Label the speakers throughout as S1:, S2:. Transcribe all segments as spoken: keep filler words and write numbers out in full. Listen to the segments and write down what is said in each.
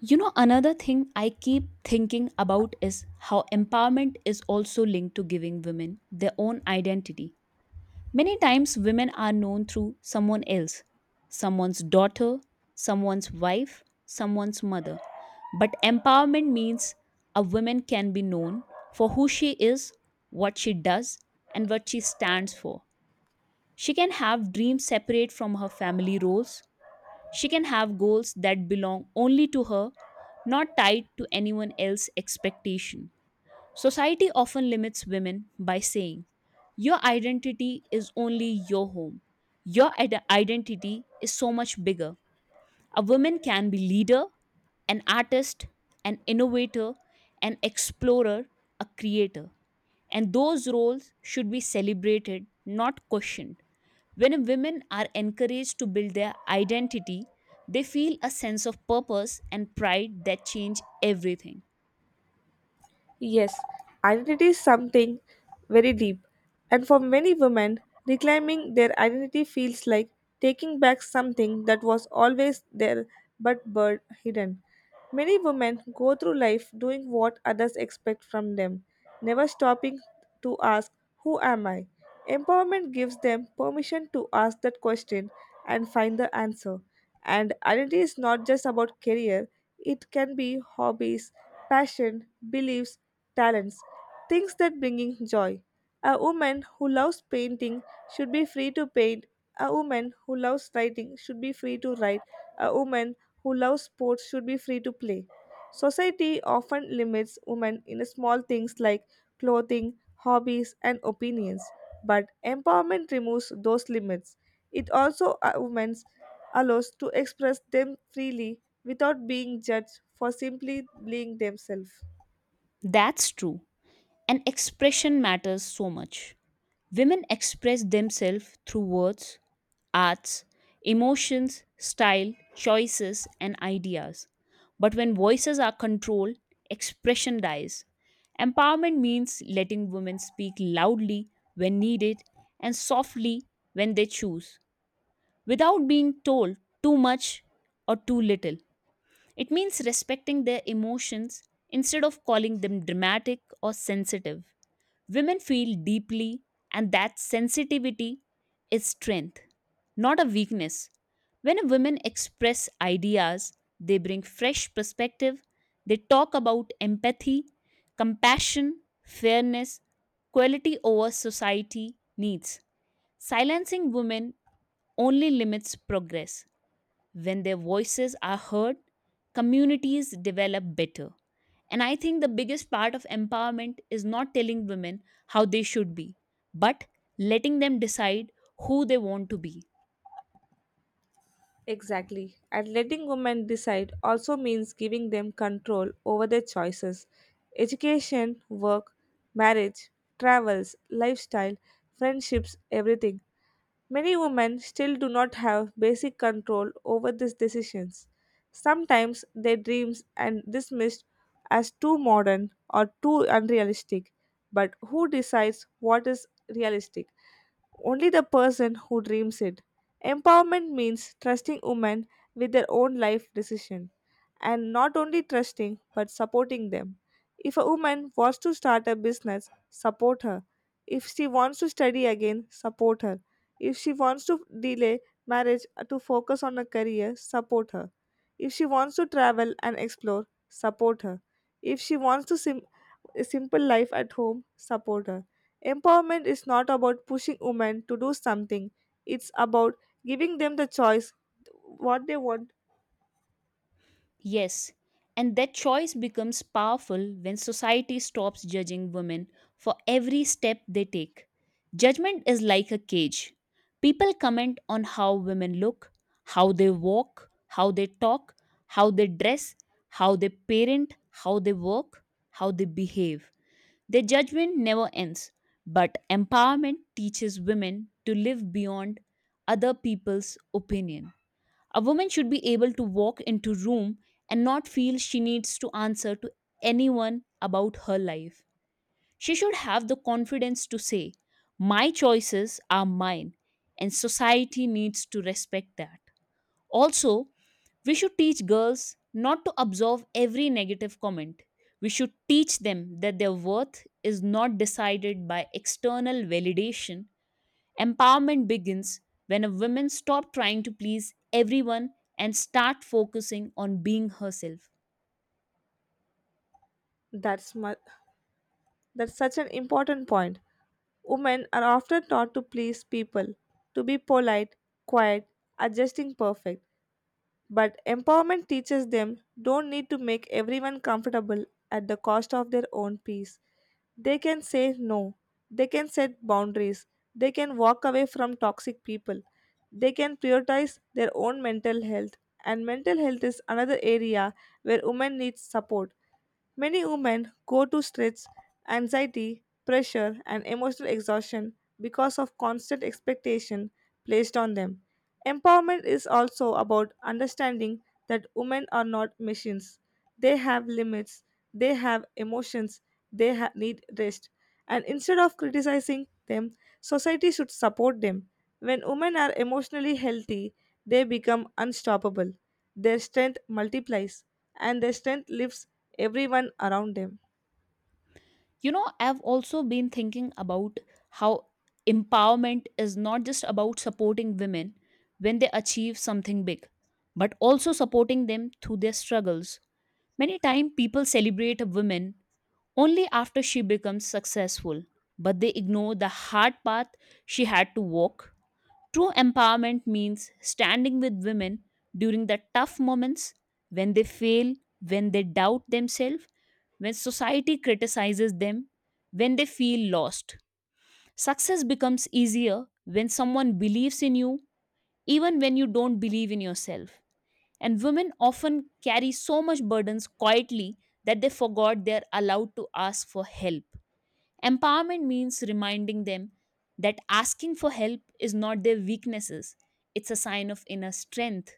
S1: You know, another thing I keep thinking about is how empowerment is also linked to giving women their own identity. Many times, women are known through someone else, someone's daughter, someone's wife, someone's mother. But empowerment means a woman can be known for who she is, what she does, and what she stands for. She can have dreams separate from her family roles, she can have goals that belong only to her, not tied to anyone else's expectation. Society often limits women by saying, your identity is only your home. Your ide- identity is so much bigger. A woman can be leader, an artist, an innovator, an explorer, a creator. And those roles should be celebrated, not questioned. When women are encouraged to build their identity, they feel a sense of purpose and pride that change everything.
S2: Yes, identity is something very deep, and for many women, reclaiming their identity feels like taking back something that was always there but buried hidden. Many women go through life doing what others expect from them, never stopping to ask, who am I? Empowerment gives them permission to ask that question and find the answer. And identity is not just about career, it can be hobbies, passion, beliefs, talents, things that bringing joy. A woman who loves painting should be free to paint. A woman who loves writing should be free to write. A woman who loves sports should be free to play. Society often limits women in small things like clothing, hobbies, and opinions, but empowerment removes those limits. It also uh, women allows to express them freely without being judged for simply being themselves.
S1: That's true. And expression matters so much. Women express themselves through words, arts, emotions, style, choices, and ideas. But when voices are controlled, expression dies. Empowerment means letting women speak loudly when needed and softly when they choose, without being told too much or too little. It means respecting their emotions instead of calling them dramatic or sensitive. Women feel deeply, and that sensitivity is strength, not a weakness. When a woman express ideas, they bring fresh perspective. They talk about empathy, compassion, fairness, quality over society needs. Silencing women only limits progress. When their voices are heard, communities develop better. And I think the biggest part of empowerment is not telling women how they should be, but letting them decide who they want to be.
S2: Exactly. And letting women decide also means giving them control over their choices. Education, work, marriage, travels, lifestyle, friendships, everything. Many women still do not have basic control over these decisions. Sometimes their dreams are dismissed as too modern or too unrealistic. But who decides what is realistic? Only the person who dreams it. Empowerment means trusting women with their own life decision and not only trusting but supporting them. If a woman wants to start a business, support her. If she wants to study again, support her. If she wants to delay marriage to focus on a career, support her. If she wants to travel and explore, support her. If she wants to sim- a simple life at home, support her. Empowerment is not about pushing women to do something, it's about giving them the choice what they want.
S1: Yes, and that choice becomes powerful when society stops judging women for every step they take. Judgment is like a cage. People comment on how women look, how they walk, how they talk, how they dress, how they parent, how they work, how they behave. Their judgment never ends, but empowerment teaches women to live beyond other people's opinion. A woman should be able to walk into room and not feel she needs to answer to anyone about her life. She should have the confidence to say, "My choices are mine," and society needs to respect that. Also, we should teach girls not to absorb every negative comment. We should teach them that their worth is not decided by external validation. Empowerment begins when a woman stops trying to please everyone and start focusing on being herself.
S2: That's, mu- that's such an important point. Women are often taught to please people, to be polite, quiet, adjusting perfect. But empowerment teaches them don't need to make everyone comfortable at the cost of their own peace. They can say no. They can set boundaries. They can walk away from toxic people. They can prioritize their own mental health. And mental health is another area where women need support. Many women go to stress, anxiety, pressure, and emotional exhaustion because of constant expectation placed on them. Empowerment is also about understanding that women are not machines. They have limits, they have emotions, they ha- need rest, and instead of criticizing them, society should support them. When women are emotionally healthy, they become unstoppable. Their strength multiplies, and their strength lifts everyone around them.
S1: You know, I've also been thinking about how empowerment is not just about supporting women when they achieve something big, but also supporting them through their struggles. Many times people celebrate a woman only after she becomes successful, but they ignore the hard path she had to walk. True empowerment means standing with women during the tough moments, when they fail, when they doubt themselves, when society criticizes them, when they feel lost. Success becomes easier when someone believes in you, even when you don't believe in yourself. And women often carry so much burdens quietly that they forgot they are allowed to ask for help. Empowerment means reminding them that asking for help is not their weaknesses, it's a sign of inner strength.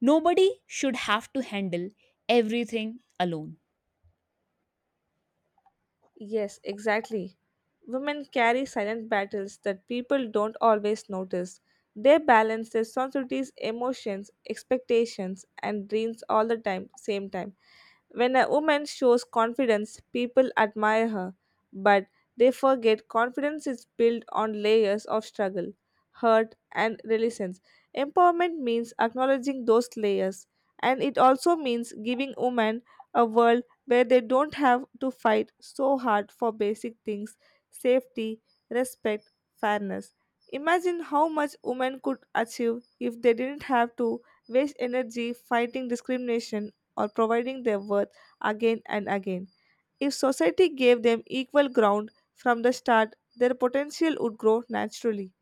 S1: Nobody should have to handle everything alone.
S2: Yes, exactly. Women carry silent battles that people don't always notice. They balance their society's emotions, expectations, and dreams all the time, same time. When a woman shows confidence, people admire her, but they forget confidence is built on layers of struggle, hurt, and resilience. Empowerment means acknowledging those layers, and it also means giving women a world where they don't have to fight so hard for basic things: safety, respect, fairness. Imagine how much women could achieve if they didn't have to waste energy fighting discrimination or providing their worth again and again. If society gave them equal ground from the start, their potential would grow naturally.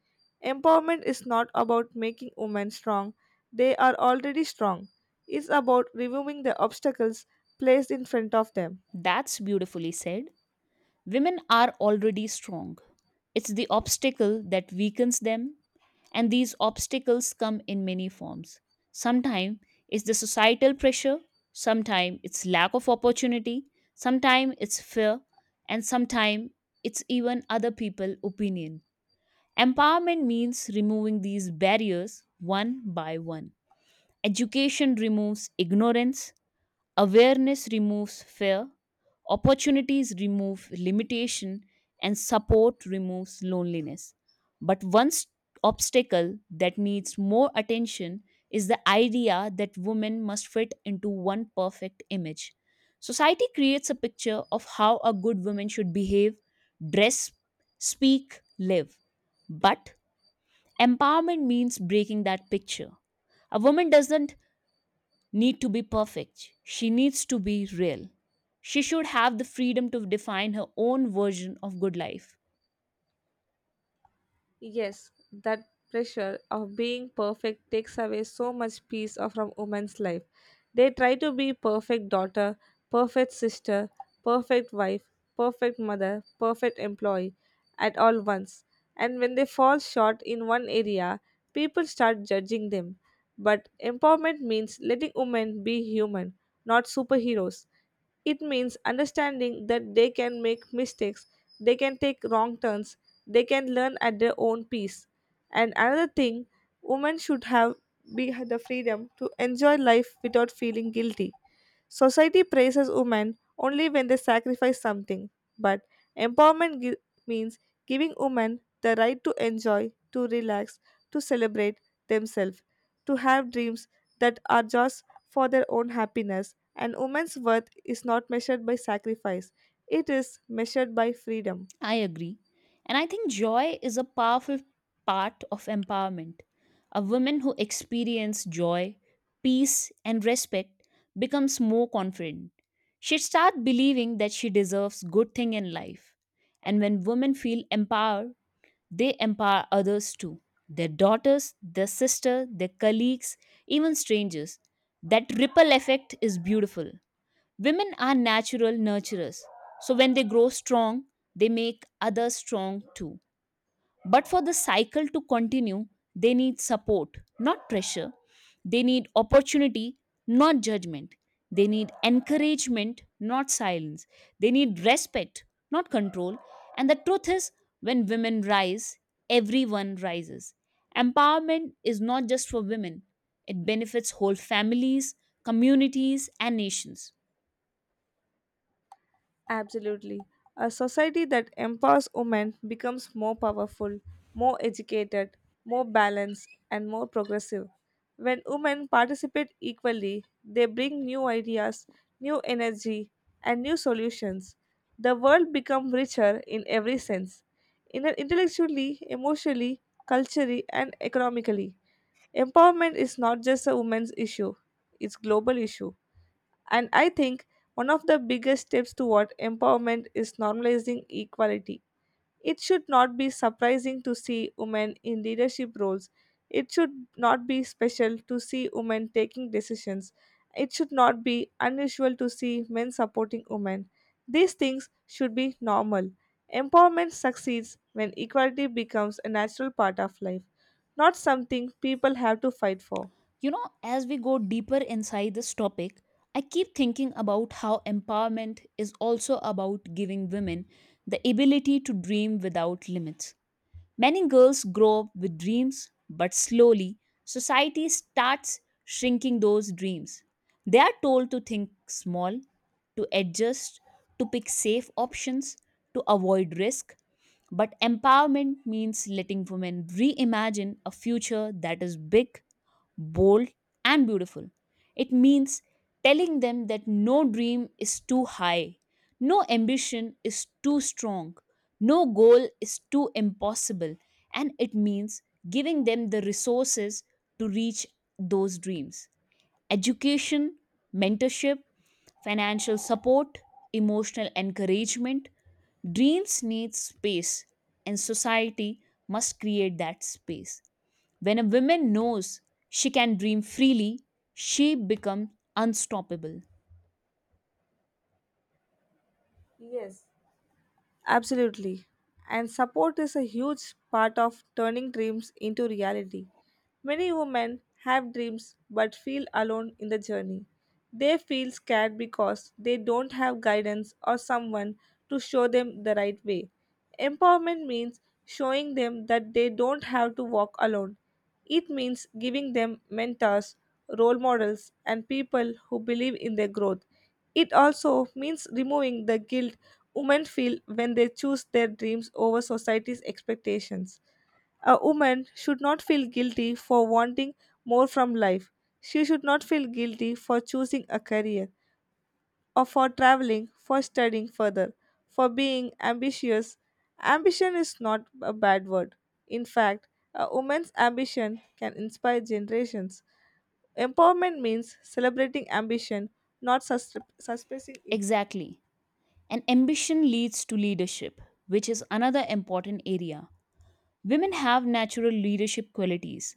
S2: Empowerment is not about making women strong, they are already strong. It's about reviewing the obstacles placed in front of them.
S1: That's beautifully said. Women are already strong. It's the obstacle that weakens them, and these obstacles come in many forms. Sometimes it's the societal pressure, sometimes it's lack of opportunity, sometimes it's fear, and sometimes it's even other people' opinion. Empowerment means removing these barriers one by one. Education removes ignorance, awareness removes fear, opportunities remove limitation, and support removes loneliness. But one s- obstacle that needs more attention is the idea that women must fit into one perfect image. Society creates a picture of how a good woman should behave, dress, speak, live. But empowerment means breaking that picture. A woman doesn't need to be perfect. She needs to be real. She should have the freedom to define her own version of good life.
S2: Yes, that pressure of being perfect takes away so much peace of- from women's life. They try to be perfect daughter, perfect sister, perfect wife, perfect mother, perfect employee at all once. And when they fall short in one area, people start judging them. But empowerment means letting women be human, not superheroes. It means understanding that they can make mistakes, they can take wrong turns, they can learn at their own pace. And another thing, women should have be had the freedom to enjoy life without feeling guilty. Society praises women only when they sacrifice something, but empowerment gi- means giving women the right to enjoy, to relax, to celebrate themselves, to have dreams that are just for their own happiness, and woman's worth is not measured by sacrifice, it is measured by freedom.
S1: I agree. And I think joy is a powerful part of empowerment. A woman who experiences joy, peace, and respect becomes more confident. She starts believing that she deserves good thing in life. And when women feel empowered, they empower others too, their daughters, their sister, their colleagues, even strangers. That ripple effect is beautiful. Women are natural nurturers. So when they grow strong, they make others strong too. But for the cycle to continue, they need support, not pressure. They need opportunity, not judgment. They need encouragement, not silence. They need respect, not control. And the truth is, when women rise, everyone rises. Empowerment is not just for women, it benefits whole families, communities, and nations.
S2: Absolutely. A society that empowers women becomes more powerful, more educated, more balanced, and more progressive. When women participate equally, they bring new ideas, new energy, and new solutions. The world becomes richer in every sense, in- intellectually, emotionally, culturally, and economically. Empowerment is not just a woman's issue, it's global issue. And I think one of the biggest steps toward empowerment is normalizing equality. It should not be surprising to see women in leadership roles. It should not be special to see women taking decisions. It should not be unusual to see men supporting women. These things should be normal. Empowerment succeeds when equality becomes a natural part of life, not something people have to fight for.
S1: You know, as we go deeper inside this topic, I keep thinking about how empowerment is also about giving women the ability to dream without limits. Many girls grow up with dreams, but slowly, society starts shrinking those dreams. They are told to think small, to adjust, to pick safe options, to avoid risk. But empowerment means letting women reimagine a future that is big, bold, and beautiful. It means telling them that no dream is too high, no ambition is too strong, no goal is too impossible, and it means giving them the resources to reach those dreams. Education, mentorship, financial support, emotional encouragement. Dreams need space, and society must create that space. When a woman knows she can dream freely, she becomes unstoppable.
S2: Yes. Absolutely. And support is a huge part of turning dreams into reality. Many women have dreams but feel alone in the journey. They feel scared because they don't have guidance or someone to show them the right way. Empowerment means showing them that they don't have to walk alone. It means giving them mentors, role models, and people who believe in their growth. It also means removing the guilt women feel when they choose their dreams over society's expectations. A woman should not feel guilty for wanting more from life. She should not feel guilty for choosing a career or for traveling, for studying further, for being ambitious. Ambition is not a bad word. In fact, a woman's ambition can inspire generations. Empowerment means celebrating ambition, not sus- suppressing it.
S1: Exactly. And ambition leads to leadership, which is another important area. Women have natural leadership qualities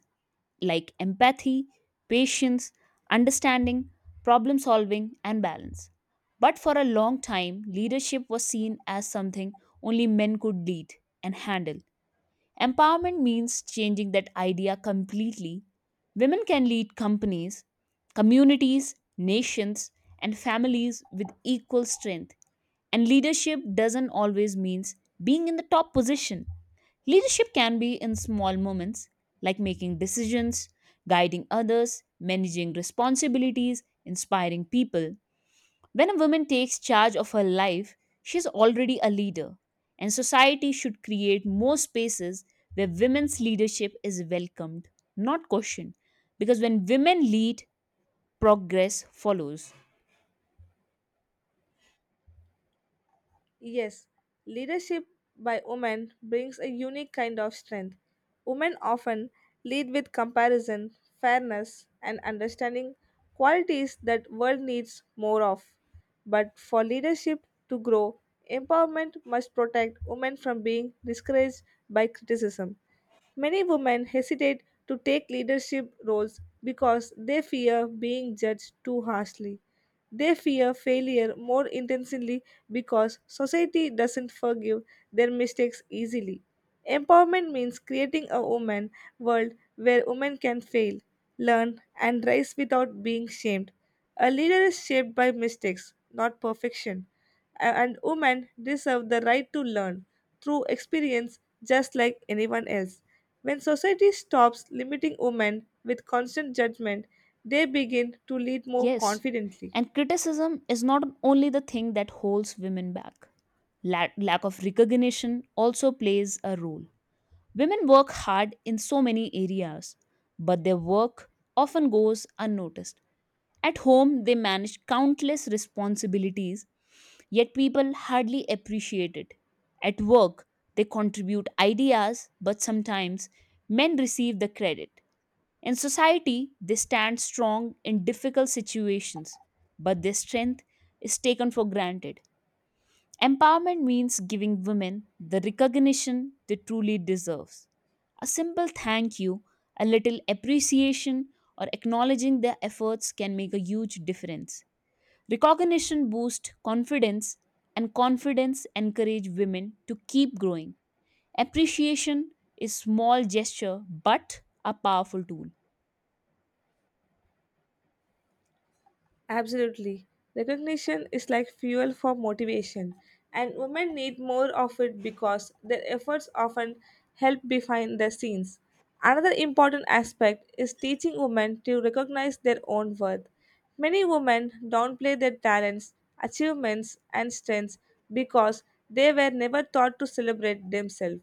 S1: like empathy, patience, understanding, problem solving, and balance. But for a long time, leadership was seen as something only men could lead and handle. Empowerment means changing that idea completely. Women can lead companies, communities, nations, and families with equal strength. And leadership doesn't always mean being in the top position. Leadership can be in small moments, like making decisions, guiding others, managing responsibilities, inspiring people. When a woman takes charge of her life, she's already a leader, and society should create more spaces where women's leadership is welcomed, not questioned. Because when women lead, progress follows.
S2: Yes, leadership by women brings a unique kind of strength. Women often lead with comparison, fairness, and understanding qualities that world needs more of. But for leadership to grow, empowerment must protect women from being discouraged by criticism. Many women hesitate to take leadership roles because they fear being judged too harshly. They fear failure more intensely because society doesn't forgive their mistakes easily. Empowerment means creating a woman world where women can fail, learn, and rise without being shamed. A leader is shaped by mistakes, not perfection. A- And women deserve the right to learn through experience just like anyone else. When society stops limiting women with constant judgment, they begin to lead more
S1: Yes,
S2: confidently.
S1: and criticism is not only the thing that holds women back, La- lack of recognition also plays a role. Women work hard in so many areas, but their work often goes unnoticed. At home, they manage countless responsibilities, yet people hardly appreciate it. At work, they contribute ideas, but sometimes men receive the credit. In society, they stand strong in difficult situations, but their strength is taken for granted. Empowerment means giving women the recognition they truly deserve. A simple thank you, a little appreciation, or acknowledging their efforts can make a huge difference. Recognition boosts confidence, and confidence encourages women to keep growing. Appreciation is small gesture but a powerful tool.
S2: Absolutely. Recognition is like fuel for motivation, and women need more of it because their efforts often help behind the scenes. Another important aspect is teaching women to recognize their own worth. Many women downplay their talents, achievements, and strengths because they were never taught to celebrate themselves.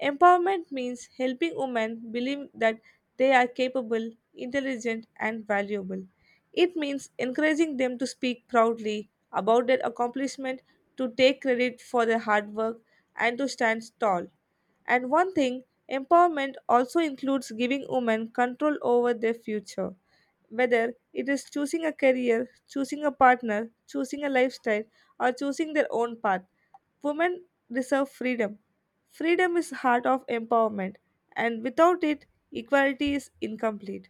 S2: Empowerment means helping women believe that they are capable, intelligent, and valuable. It means encouraging them to speak proudly about their accomplishment, to take credit for their hard work, and to stand tall. And one thing, empowerment also includes giving women control over their future. Whether it is choosing a career, choosing a partner, choosing a lifestyle, or choosing their own path, women deserve freedom. Freedom is heart of empowerment, and without it, equality is incomplete.